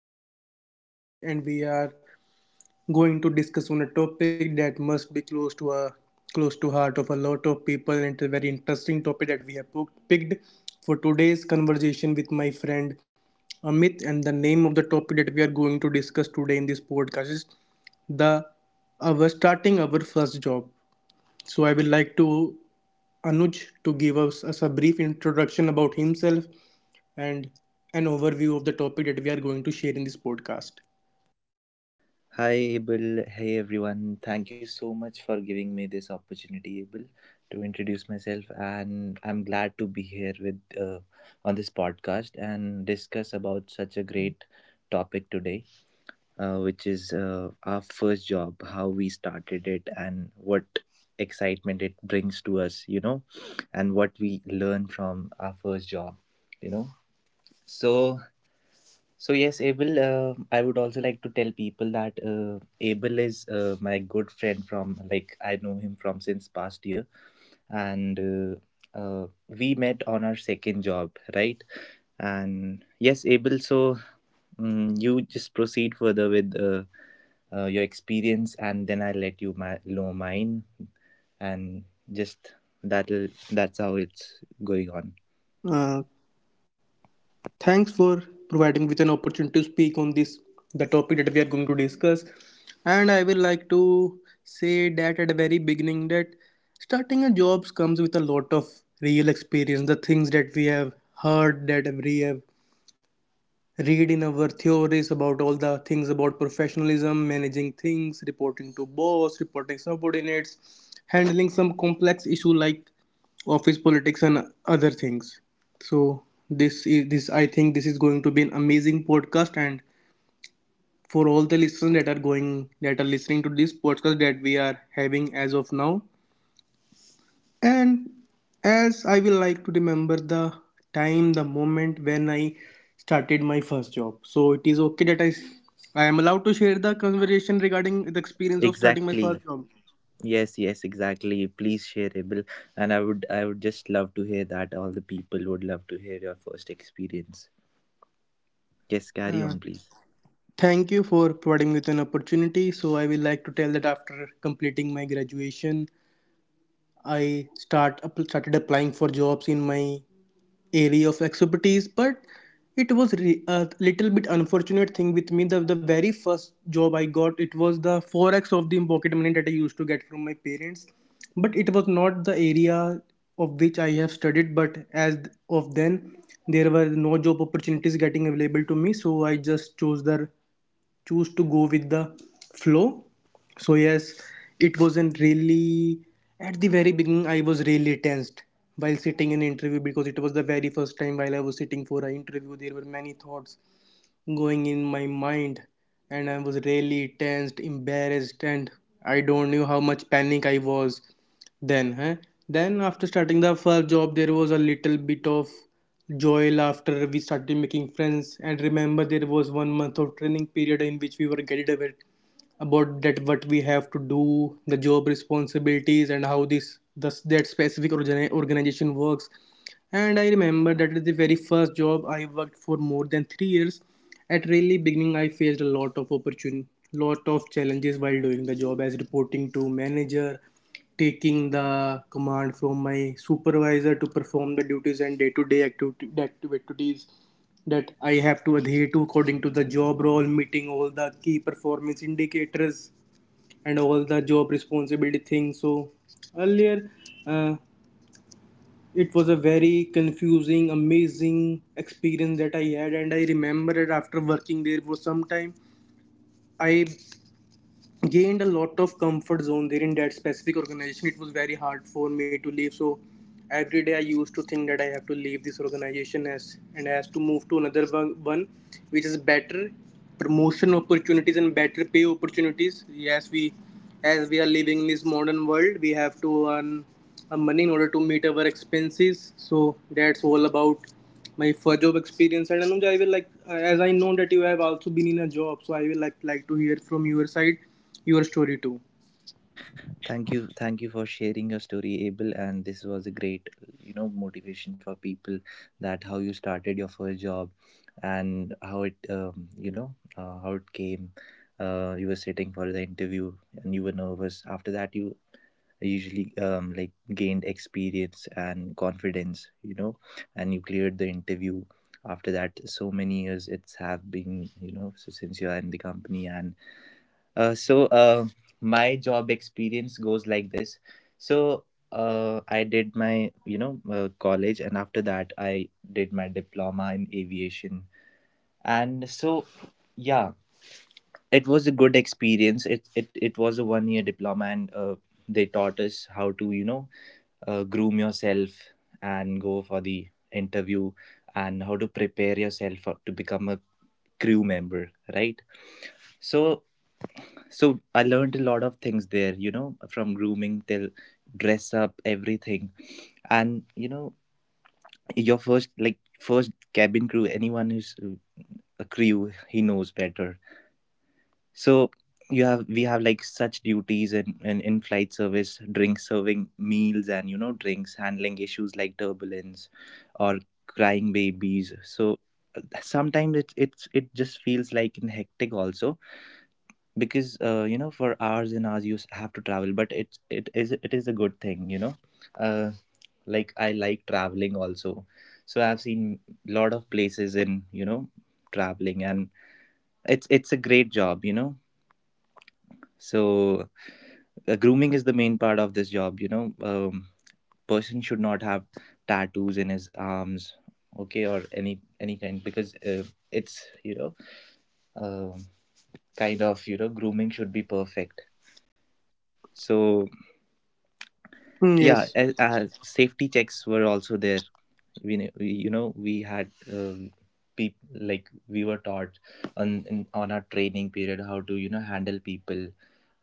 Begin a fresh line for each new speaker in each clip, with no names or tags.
with me I have my friend Anuj, and we are going to discuss on a topic that must be close to heart of a lot of people, and it's a very interesting topic that we have picked for today's conversation with my friend Amit. And the name of the topic that we are going to discuss today in this podcast is the our starting our first job. So I will like to Anuj to give us a brief introduction about himself and an overview of the topic that we are going to share in this podcast.
Hi Abel, hey everyone. Thank you so much for giving me this opportunity, Abel, to introduce myself. And I'm glad to be here with on this podcast and discuss about such a great topic today, which is our first job, how we started it, and what excitement it brings to us, you know, and what we learn from our first job, you know. So so yes, Abel. I would also like to tell people that Abel is my good friend from, like, I know him from since past year, and we met on our second job, right? And yes, Abel. So you just proceed further with your experience, and then I let you my, know mine, and just that's how it's going on.
Uh, Thanks for providing me with an opportunity to speak on this the topic that we are going to discuss. And I will like to say that at the very beginning that starting a jobs comes with a lot of real experience, the things that we have heard, that we have read in our theories about all the things about professionalism, managing things, reporting to boss, reporting subordinates, handling some complex issue like office politics and other things. So this, I think, this is going to be an amazing podcast, and for all the listeners that are listening to this podcast that we are having as of now. And as I will like to remember the time, the moment when I started my first job. So it is okay that I am allowed to share the conversation regarding the experience of starting my
Exactly.
first job.
Yes, yes, exactly. Please share, Abel. And I would just love to hear that. All the people would love to hear your first experience. Yes, carry
Uh,
on, please.
Thank you for providing me with an opportunity. So I will like to tell that after completing my graduation, I started applying for jobs in my area of expertise, but it was a little bit unfortunate thing with me. The very first job I got, it was the 4x of the pocket money that I used to get from my parents, but it was not the area of which I have studied. But as of then, there were no job opportunities getting available to me, so I just chose the choose to go with the flow. So yes, it wasn't really. At the very beginning, I was really tensed while sitting in interview because it was the very first time while I was sitting for an interview. There were many thoughts going in my mind, and I was really tensed, embarrassed, and I don't knew how much panic I was then, huh? Then after starting the first job, there was a little bit of joy after we started making friends. And remember, there was one month of training period in which we were guided about that what we have to do, the job responsibilities and how this this that specific organization works. And I remember that is the very first job I worked for more than 3 years. At really beginning, I faced a lot of challenges while doing the job, as reporting to manager, taking the command from my supervisor to perform the duties and day-to-day activities that I have to adhere to according to the job role, meeting all the key performance indicators and all the job responsibility things. So earlier, uh, it was a very confusing, amazing experience that I had. And I remember it, after working there for some time, I gained a lot of comfort zone there. In that specific organization, it was very hard for me to leave. So every day I used to think that I have to leave this organization as and as to move to another one, which is better promotion opportunities and better pay opportunities. Yes, we as we are living in this modern world, we have to earn money in order to meet our expenses. So that's all about my first job experience. And Anuj, I will like, as I know that you have also been in a job, so I will like to hear from your side your story too.
Thank you for sharing your story, Abel. And this was a great, you know, motivation for people that how you started your first job and how it, you know, how it came. You were sitting for the interview and you were nervous. After that, you usually like gained experience and confidence, you know, and you cleared the interview. After that, so many years it's have been, you know, so since you are in the company. And so my job experience goes like this. So I did my, you know, college, and after that I did my diploma in aviation. And so yeah, it was a good experience. It was a 1 year diploma, and they taught us how to, you know, groom yourself and go for the interview and how to prepare yourself for, to become a crew member, right? so So I learned a lot of things there, you know, from grooming till dress up, everything. And you know, your first, like, first cabin crew, anyone who's a crew, he knows better. So you have we have, like, such duties and in flight service, drink serving meals and, you know, drinks, handling issues like turbulence or crying babies. So sometimes it just feels like in hectic also, because you know, for hours and hours you have to travel, but it is a good thing, you know. uh, like, I like traveling also, so I've seen lot of places in, you know, traveling, and it's a great job, you know. So grooming is the main part of this job, you know. Person should not have tattoos in his arms, okay, or any kind, because it's, you know, um, kind of, you know, grooming should be perfect. So
Mm,
yeah,
yes.
as safety checks were also there, we you know, we had peop, like, we were taught on, in, on our training period how to, you know, handle people,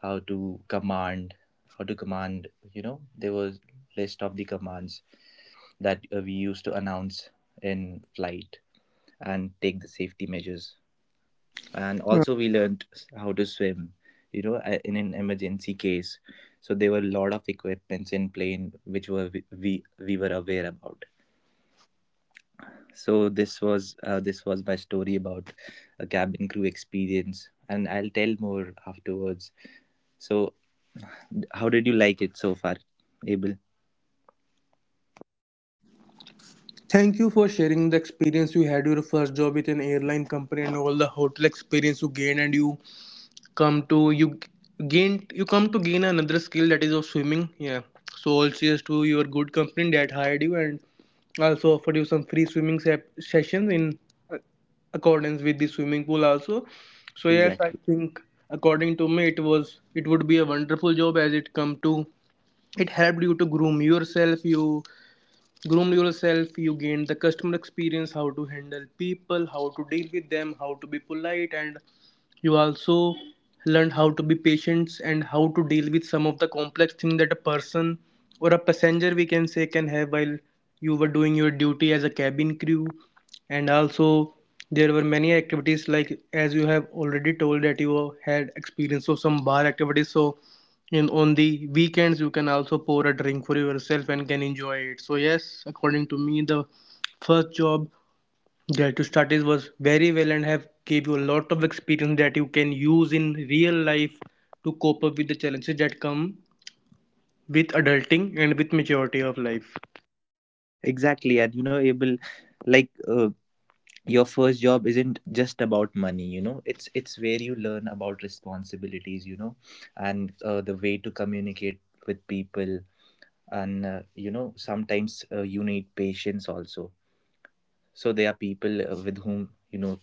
how to command, how to command, you know. There was list of the commands that we used to announce in flight and take the safety measures, and
Uh,
also we learned how to swim, you know, in an emergency case. So there were a lot of equipments in plane which were we were aware about. So this was my story about a cabin crew experience, and I'll tell more afterwards. So how did you like it so far, Abel?
Thank you for sharing the experience you had, your first job with an airline company, and all the hotel experience you gained, and come to you you come to gain another skill that is of swimming. Yeah, so all cheers to your good company that hired you and also offered you some free swimming se sessions in uh, accordance with the swimming pool also. So yes, I
Exactly,
think, according to me, it was, it would be a wonderful job as it helped you to groom yourself, you groomed yourself, you gained the customer experience, how to handle people, how to deal with them, how to be polite. And you also learned how to be patient and how to deal with some of the complex things that a person or a passenger, we can say, can have while you were doing your duty as a cabin crew. And also there were many activities, like as you have already told that you had experience of some bar activities. So in on the weekends, you can also pour a drink for yourself and can enjoy it. So yes, according to me, the first job, yeah, to start, this was very well and have gave you a lot of experience that you can use in real life to cope up with the challenges that come with adulting and with maturity of life.
exactly. And you know, Abel, like, your first job isn't just about money, you know. It's where you learn about responsibilities, you know, and the way to communicate with people, and you know, sometimes you need patience also. So there are people with whom, you know,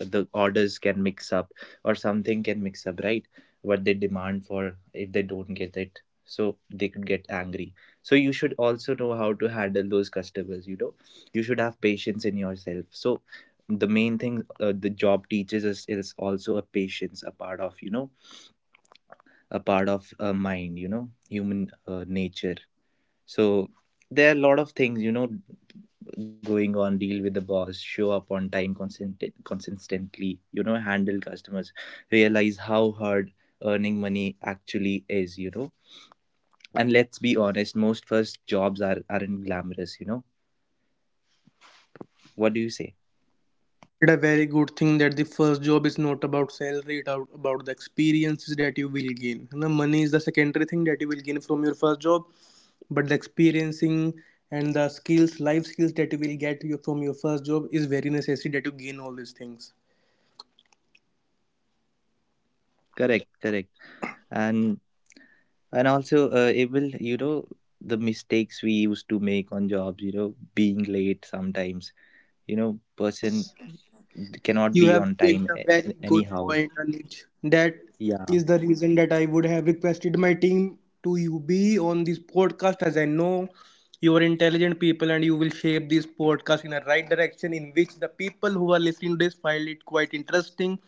the orders can mix up or something can mix up, right, what they demand for. If they don't get it, so they could get angry, so you should also know how to handle those customers, you know. You should have patience in yourself. So the main thing the job teaches us is also a patience, a part of, you know, a part of mind, you know, human nature. So there are a lot of things, you know, going on. Deal with the boss, show up on time consistently, you know, handle customers, realize how hard earning money actually is, you know. And let's be honest, most first jobs are aren't glamorous, you know. What do you say?
It's a very good thing that the first job is not about salary, it's about the experiences that you will gain. And the money is the secondary thing that you will gain from your first job, but the experiencing and the skills, life skills that you will get from your first job is very necessary that you gain all these things.
Correct, correct. and and also it will, you know, the mistakes we used to make on jobs, you know, being late sometimes, you know. Person
Yes,
cannot
you
be
have
on time
picked a very good
anyhow.
point, Anuj. That
Yeah,
is the reason that I would have requested my team to you be on this podcast, as I know you are intelligent people and you will shape this podcast in a right direction in which the people who are listening to this find it quite interesting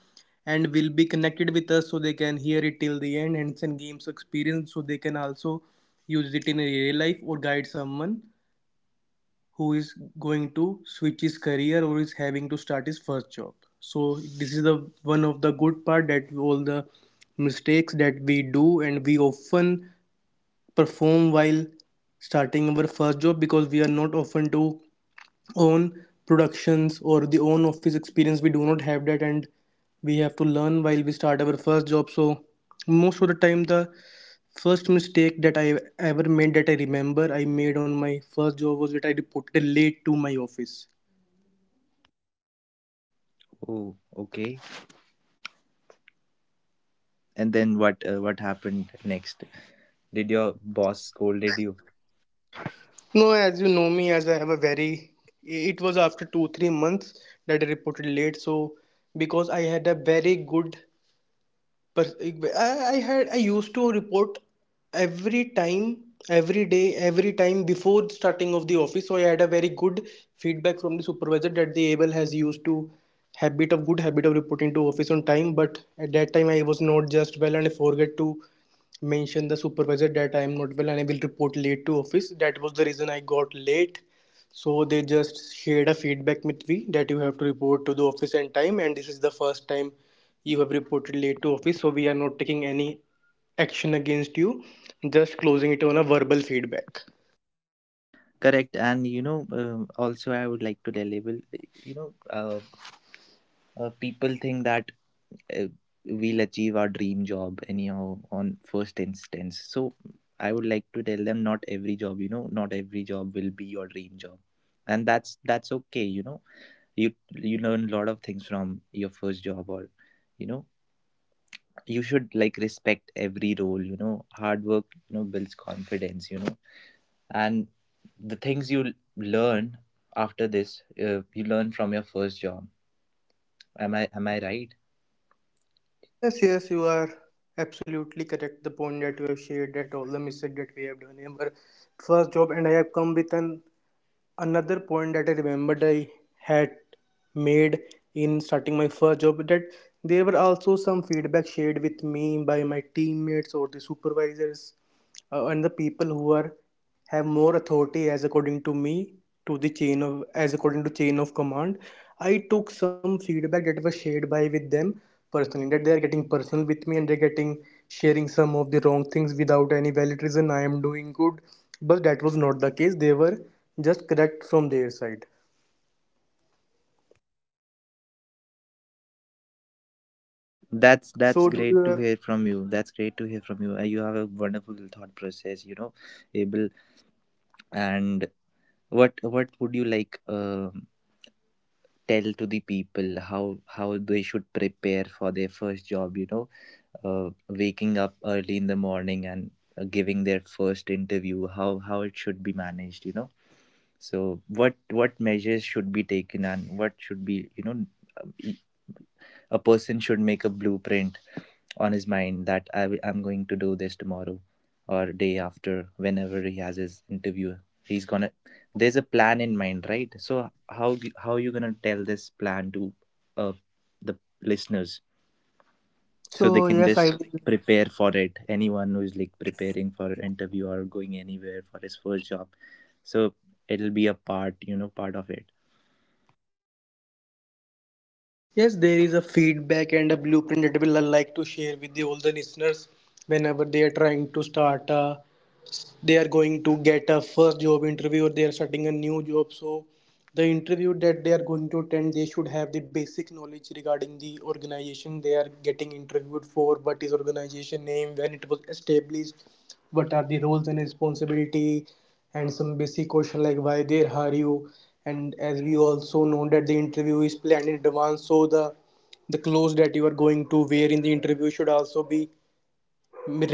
and will be connected with us, so they can hear it till the end and send games experience, so they can also use it in a real life or guide someone who is going to switch his career or is having to start his first job. So this is the one of the good part that all the mistakes that we do and we often perform while starting our first job, because we are not often to own productions or the own office experience, we do not have that, and we have to learn while we start our first job. So most of the time, the first mistake that I ever made that I remember I made on my first job was that I reported late to my office.
oh okay. And then what happened next? Did your boss scolded you?
No, as you know me, as I have a very, it was after 3 months that I reported late. So, because I had a very good. But I used to report every time, every day, every time before starting of the office. So I had a very good feedback from the supervisor that the able has used to habit of good habit of reporting to office on time. But at that time I was not just well and I forget to mention the supervisor that I am not well and I will report late to office. That was the reason I got late. So they just shared a feedback with me that you have to report to the office on time, and this is the first time you have reported late to office, so we are not taking any action against you, just closing it on a verbal feedback.
Correct. And you know, also, I would like to deliver you, you know, uh, people think that uh, we'll achieve our dream job anyhow on first instance. So I would like to tell them, not every job, you know, not every job will be your dream job, and that's okay, you know. you you learn a lot of things from your first job, or you know, you should, like, respect every role, you know. Hard work, you know, builds confidence, you know, and the things you learn after this, you learn from your first job. Am I, am I right?
Yes, yes, you are absolutely correct the point that you have shared that all the mistakes that we have done in our first job. And I have come with an another point that I remembered I had made in starting my first job, that there were also some feedback shared with me by my teammates or the supervisors and the people who are have more authority as according to me to the chain of, as according to chain of command. I took some feedback that was shared by with them personally, that they are getting personal with me and they're getting sharing some of the wrong things without any valid reason. I am doing good, but that was not the case. They were just correct from their side.
that's
So
that's great to hear from you. That's great to hear from you. You have a wonderful thought process, you know, able and what would you like, tell to the people, how they should prepare for their first job, you know. Waking up early in the morning and giving their first interview, how it should be managed, you know. So what measures should be taken, and what should be, you know, a person should make a blueprint on his mind that, I I'm going to do this tomorrow or day after, whenever he has his interview. He's gonna, there's a plan in mind, right? So how you gonna tell this plan to uh, the listeners, so they
so
can
yes, I
just
will.
prepare for it, anyone who's, like, preparing for an interview or going anywhere for his first job? So it'll be a part, you know, part of it.
Yes, there is a feedback and a blueprint that will I like to share with the all the listeners. Whenever they are trying to start a they are going to get a first job interview, or they are starting a new job, so the interview that they are going to attend, they should have the basic knowledge regarding the organization they are getting interviewed for. What is organization name, when it was established, what are the roles and responsibility, and some basic question like why they hire you. And as we also know that the interview is planned in advance, so the clothes that you are going to wear in the interview should also be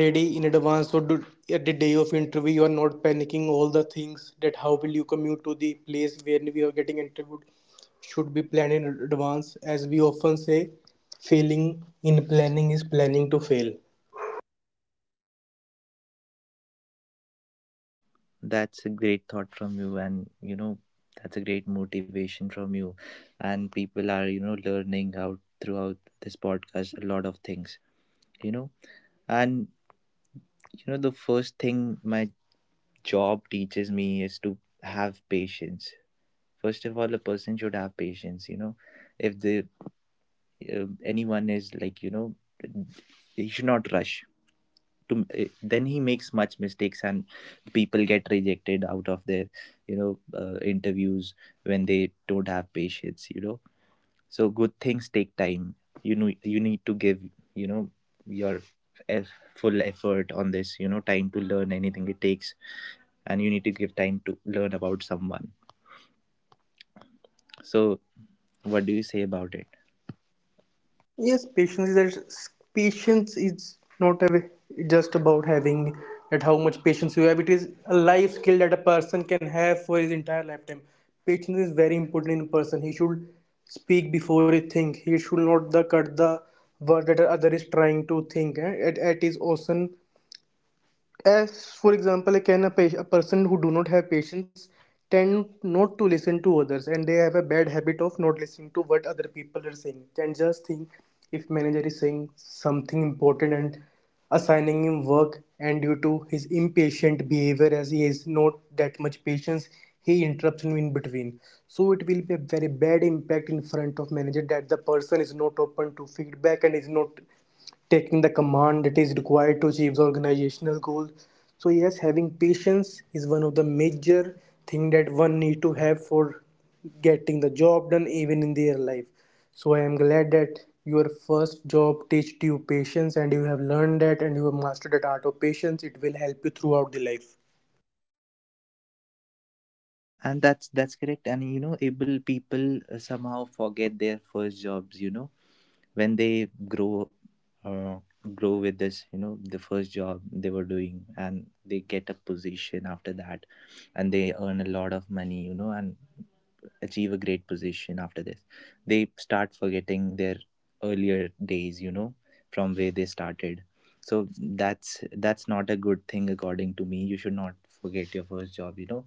ready in advance, so do, at the day of interview you are not panicking. All the things that how will you commute to the place where we are getting interviewed should be planned in advance, as we often say failing in planning is planning to fail.
That's a great thought from you, and you know, that's a great motivation from you, and people are, you know, learning out throughout this podcast a lot of things, you know. And you know, the first thing my job teaches me is to have patience. First of all, a person should have patience, you know. If they anyone is, like, you know, he should not rush to, then he makes much mistakes, and people get rejected out of their, you know, interviews when they don't have patience, you know. So good things take time, you know. You need to give, you know, your full effort on this, you know. Time to learn anything, it takes, and you need to give time to learn about someone. So what do you say about it?
Yes, patience is that patience is not a, just about having that how much patience you have. It is a life skill that a person can have for his entire lifetime. Patience is very important in a person. He should speak before he think. He should not the cut the word that other is trying to think. It is awesome as for example like, can a person who do not have patience tend not to listen to others, and they have a bad habit of not listening to what other people are saying. And just think if manager is saying something important and assigning him work, and due to his impatient behavior, as he has not that much patience, he interrupts him in between, so it will be a very bad impact in front of manager that the person is not open to feedback and is not taking the command that is required to achieve the organizational goal. So yes, having patience is one of the major thing that one need to have for getting the job done, even in their life. So I am glad that your first job taught you patience, and you have learned that and you have mastered that art of patience. It will help you throughout the life.
And that's correct. And you know, able people somehow forget their first jobs, you know, when they grow, uh, grow with this, you know, the first job they were doing, and they get a position after that, and they earn a lot of money, you know, and achieve a great position. After this, they start forgetting their earlier days, you know, from where they started. So that's not a good thing, according to me. You should not forget your first job, you know,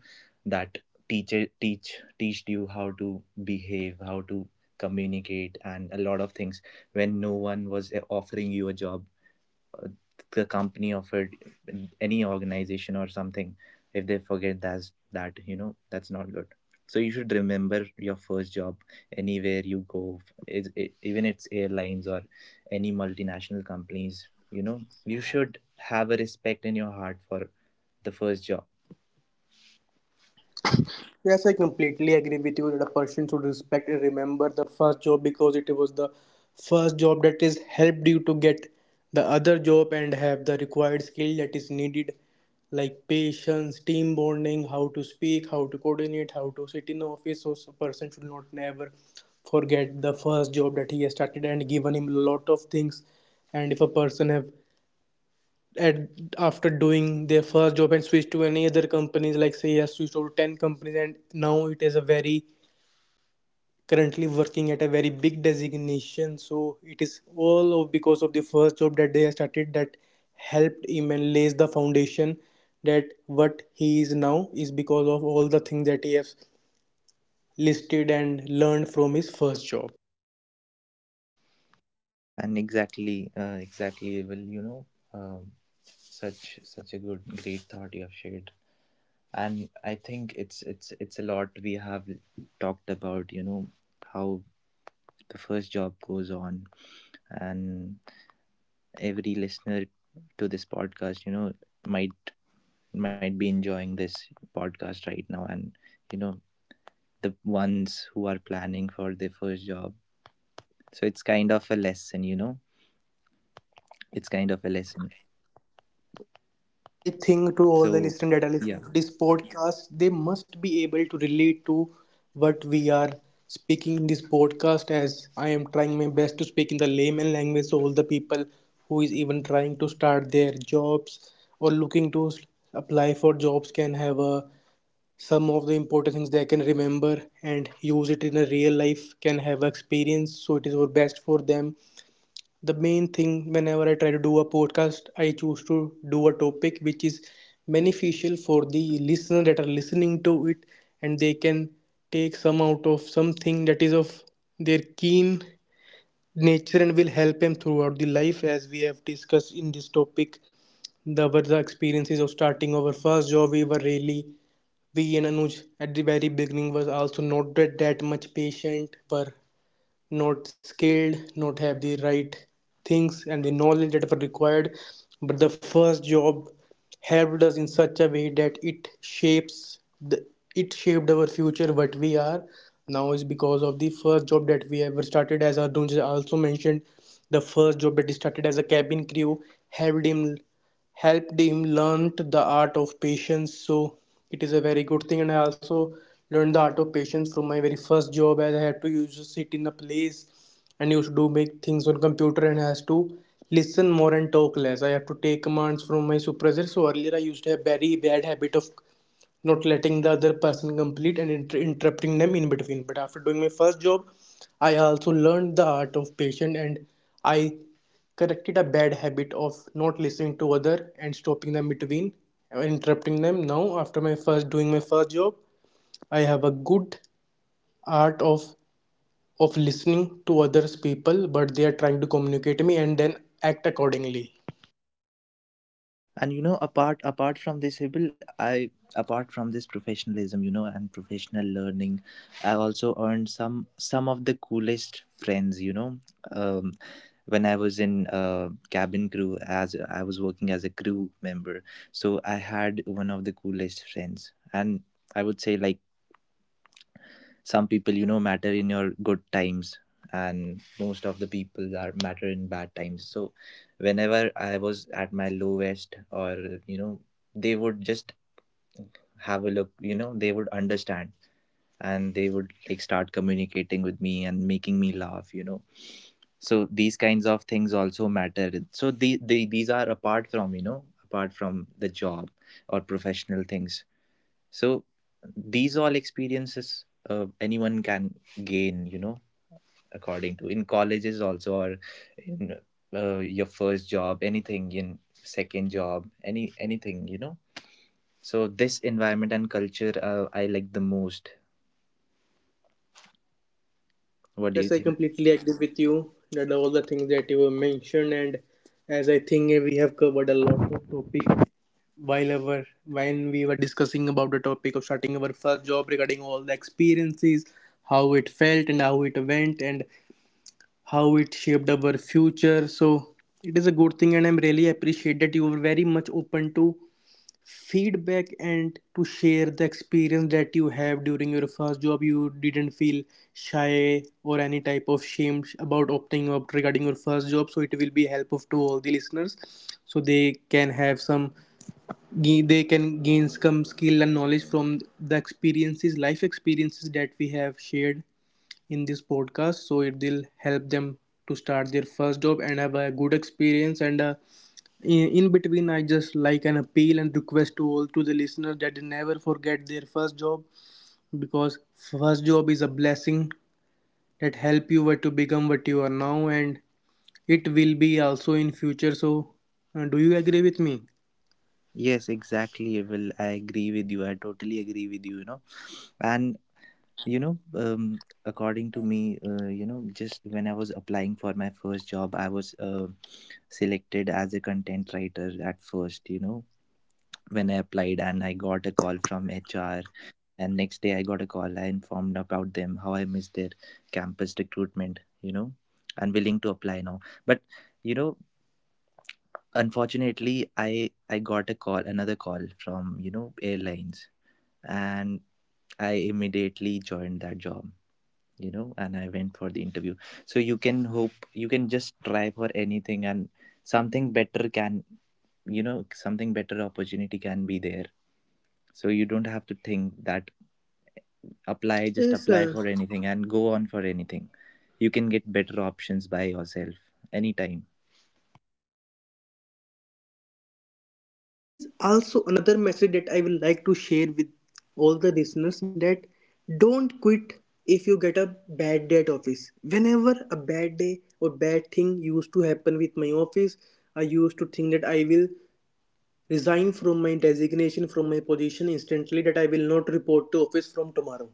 that teacher, teached you how to behave, how to communicate, and a lot of things when no one was offering you a job. uh, the company offered, any organization or something. If they forget that's, that, you know, that's not good. So you should remember your first job, anywhere you go, is even it's airlines or any multinational companies, you know. You should have a respect in your heart for the first job.
Yes, I completely agree with you that a person should respect and remember the first job, because it was the first job that has helped you to get the other job and have the required skill that is needed, like patience, team bonding, how to speak, how to coordinate, how to sit in office. So, a person should not never forget the first job that he has started and given him a lot of things. And if a person have at after doing their first job and switch to any other companies, like say I switched over to 10 companies and now it is a very currently working at a very big designation. So it is all of because of the first job that they have started, that helped him and lays the foundation that what he is now is because of all the things that he has listed and learned from his first job.
And exactly, exactly. Well, you know, um, such, such a good, great thought you have shared, and I think it's a lot we have talked about, you know, how the first job goes on. And every listener to this podcast, you know, might might be enjoying this podcast right now. And you know, the ones who are planning for their first job, so it's kind of a lesson, you know, it's kind of a lesson.
Yes, I think to all the
So
listeners that are
yeah.
listening to this podcast, they must be able to relate to what we are speaking in this podcast, as I am trying my best to speak in the layman language. So all the people who is even trying to start their jobs or looking to apply for jobs can have a some of the important things they can remember and use it in a real life can have experience. So it is our best for them. The main thing whenever I try to do a podcast, I choose to do a topic which is beneficial for the listener that are listening to it, and they can take some out of something that is of their keen nature and will help them throughout the life. As we have discussed in this topic the were the experiences of starting our first job, we were really we and Anuj at the very beginning was also not that much patient, were not skilled, not have the right things and the knowledge that were required. But the first job helped us in such a way that it shapes the it shaped our future. What we are now is because of the first job that we ever started. As Arjun also mentioned the first job that he started as a cabin crew helped him helped him learnt the art of patience. So it is a very good thing, and I also learned the art of patience from my very first job, as I had to used to sit in a place and used to do make things on computer and has to listen more and talk less. I have to take commands from my supervisor, so earlier I used to have very bad habit of not letting the other person complete and interrupting them in between. But after doing my first job, I also learned the art of patience, and I corrected a bad habit of not listening to other and stopping them between and interrupting them. Now, after my first doing my first job, I have a good art of listening to others people, but they are trying to communicate me and then act accordingly.
And you know, apart from this, Hibil, I, apart from this professionalism, you know, and professional learning, I also earned some of the coolest friends, you know. um, when I was in cabin crew, as I was working as a crew member, so I had one of the coolest friends. And I would say, like, some people, you know, matter in your good times, and most of the people are matter in bad times. So whenever I was at my lowest, or you know, they would just have a look. You know, they would understand, and they would, like, start communicating with me and making me laugh, you know. So these kinds of things also matter. So the these are apart from, you know, apart from the job or professional things. So these all experiences anyone can gain, you know, according to, in colleges also, or in your first job, anything in second job, anything, you know. So this environment and culture I like the most. What do
Yes,
you
I
think?
completely agree with you that all the things that you have mentioned, and as I think we have covered a lot of topic while our when we were discussing about the topic of starting our first job, regarding all the experiences, how it felt and how it went and how it shaped our future. So it is a good thing, and I'm really appreciate that you were very much open to feedback and to share the experience that you have during your first job. You didn't feel shy or any type of shame about opting out regarding your first job, so it will be helpful to all the listeners, so they can have some they can gain some skill and knowledge from the experiences life experiences that we have shared in this podcast. So it will help them to start their first job and have a good experience. And a in between I just like an appeal and request to all to the listeners that they never forget their first job, because first job is a blessing that help you what to become what you are now, and it will be also in future. So do you agree with me?
Yes, exactly. Well, I agree with you. I totally agree with you, you know. And you know, according to me, you know, just when I was applying for my first job, I was selected as a content writer at first, you know, when I applied, and I got a call from HR. And next day I got a call. I informed about them how I missed their campus recruitment, you know, and willing to apply now. But you know, unfortunately, I got a call, another call from, you know, airlines, and I immediately joined that job, you know, and I went for the interview. So you can hope, you can just try for anything, and something better can, you know, something better opportunity can be there. So you don't have to think that apply, just
Yes,
apply
sir.
for anything and go on for anything. You can get better options by yourself anytime.
There is also another message that I will like to share with all the listeners, that don't quit if you get a bad day at office. Whenever a bad day or bad thing used to happen with my office, I used to think that I will resign from my designation from my position instantly, that I will not report to office from tomorrow.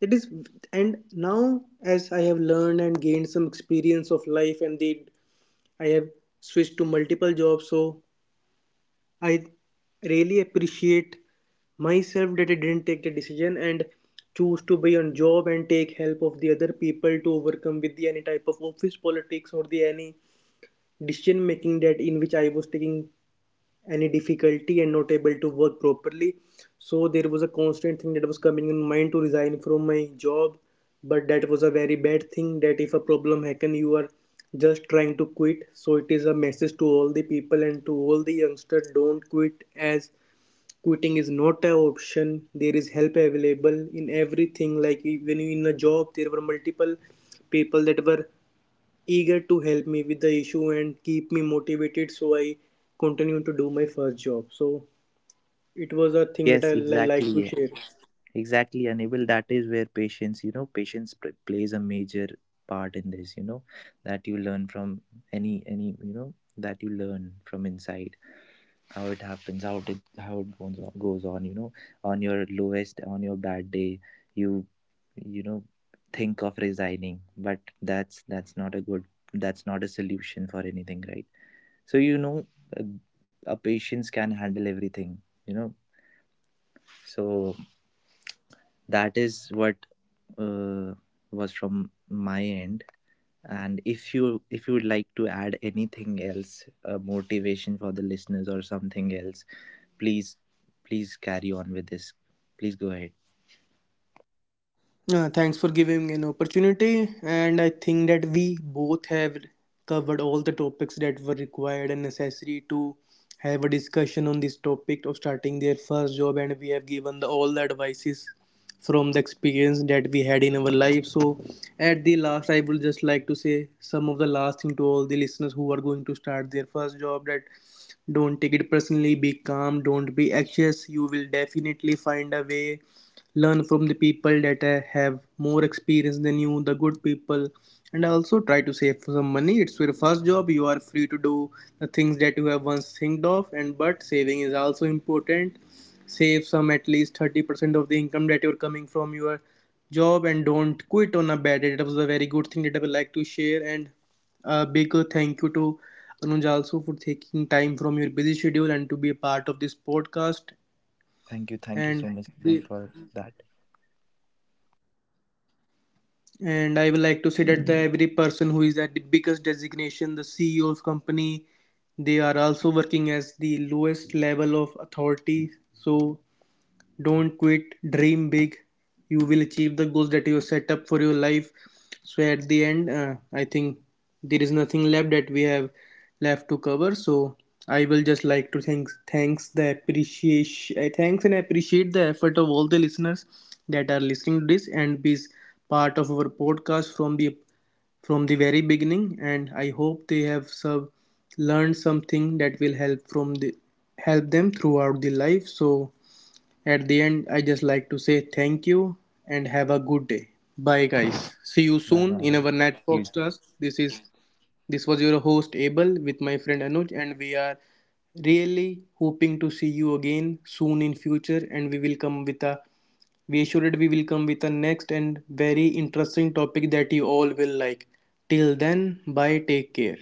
It is and now as I have learned and gained some experience of life, and the I have switched to multiple jobs, so I really appreciate myself that I didn't take the decision and choose to be on job and take help of the other people to overcome with the any type of office politics or the any decision making that in which I was taking any difficulty and not able to work properly. So there was a constant thing that was coming in mind to resign from my job, but that was a very bad thing, that if a problem happen you are just trying to quit. So it is a message to all the people and to all the youngsters, don't quit, as quitting is not an option. There is help available in everything, like when you in a job there were multiple people that were eager to help me with the issue and keep me motivated, so I continued to do my first job. So it was a thing that
Yes,
I like to
exactly,
share.
exactly, unable. That is where patience, you know, patience plays a major part in this, you know. That you learn from any, you know, that you learn from inside how it happens, how it, how it goes on, you know, on your lowest, on your bad day. you you know, think of resigning, but that's not a good, that's not a solution for anything, right? So you know, a, a patience can handle everything, you know. So that is what uh, was from my end. And if you, if you would like to add anything else, motivation for the listeners or something else, please, please carry on with this. Please go ahead.
Thanks for giving an opportunity, and I think that we both have covered all the topics that were required and necessary to have a discussion on this topic of starting their first job, and we have given the, all the advices from the experience that we had in our life. So, at the last, I would just like to say some of the last thing to all the listeners who are going to start their first job, that don't take it personally, be calm, don't be anxious. You will definitely find a way. Learn from the people that have more experience than you, the good people, and also try to save some money. It's your first job, you are free to do the things that you have once think of, and but saving is also important. Save some at least 30% of the income that you're coming from your job, and don't quit on a bad day. That was a very good thing that I would like to share. And a big thank you to Anuj also for taking time from your busy schedule and to be a part of this podcast,
Thank you
and
so
thank
much, Bill,
you.
for that.
And I would like to say that the every person who is at the biggest designation, the CEO of company, they are also working as the lowest level of authority. So don't quit, dream big. You will achieve the goals that you set up for your life. So, at the end, I think there is nothing left that we have left to cover. So, I will just like to thanks the appreciation thanks and appreciate the effort of all the listeners that are listening to this and be part of our podcast from the very beginning. And I hope they have sub learned something that will help from the help them throughout the life. So at the end, I just like to say thank you and have a good day. Bye, guys. See you
Bye
soon in
bye.
our next
See you soon.
podcast. This is this was your host Abel with my friend Anuj, and we are really hoping to see you again soon in future. And we will come with a we assured we will come with a next and very interesting topic that you all will like. Till then, bye. Take care.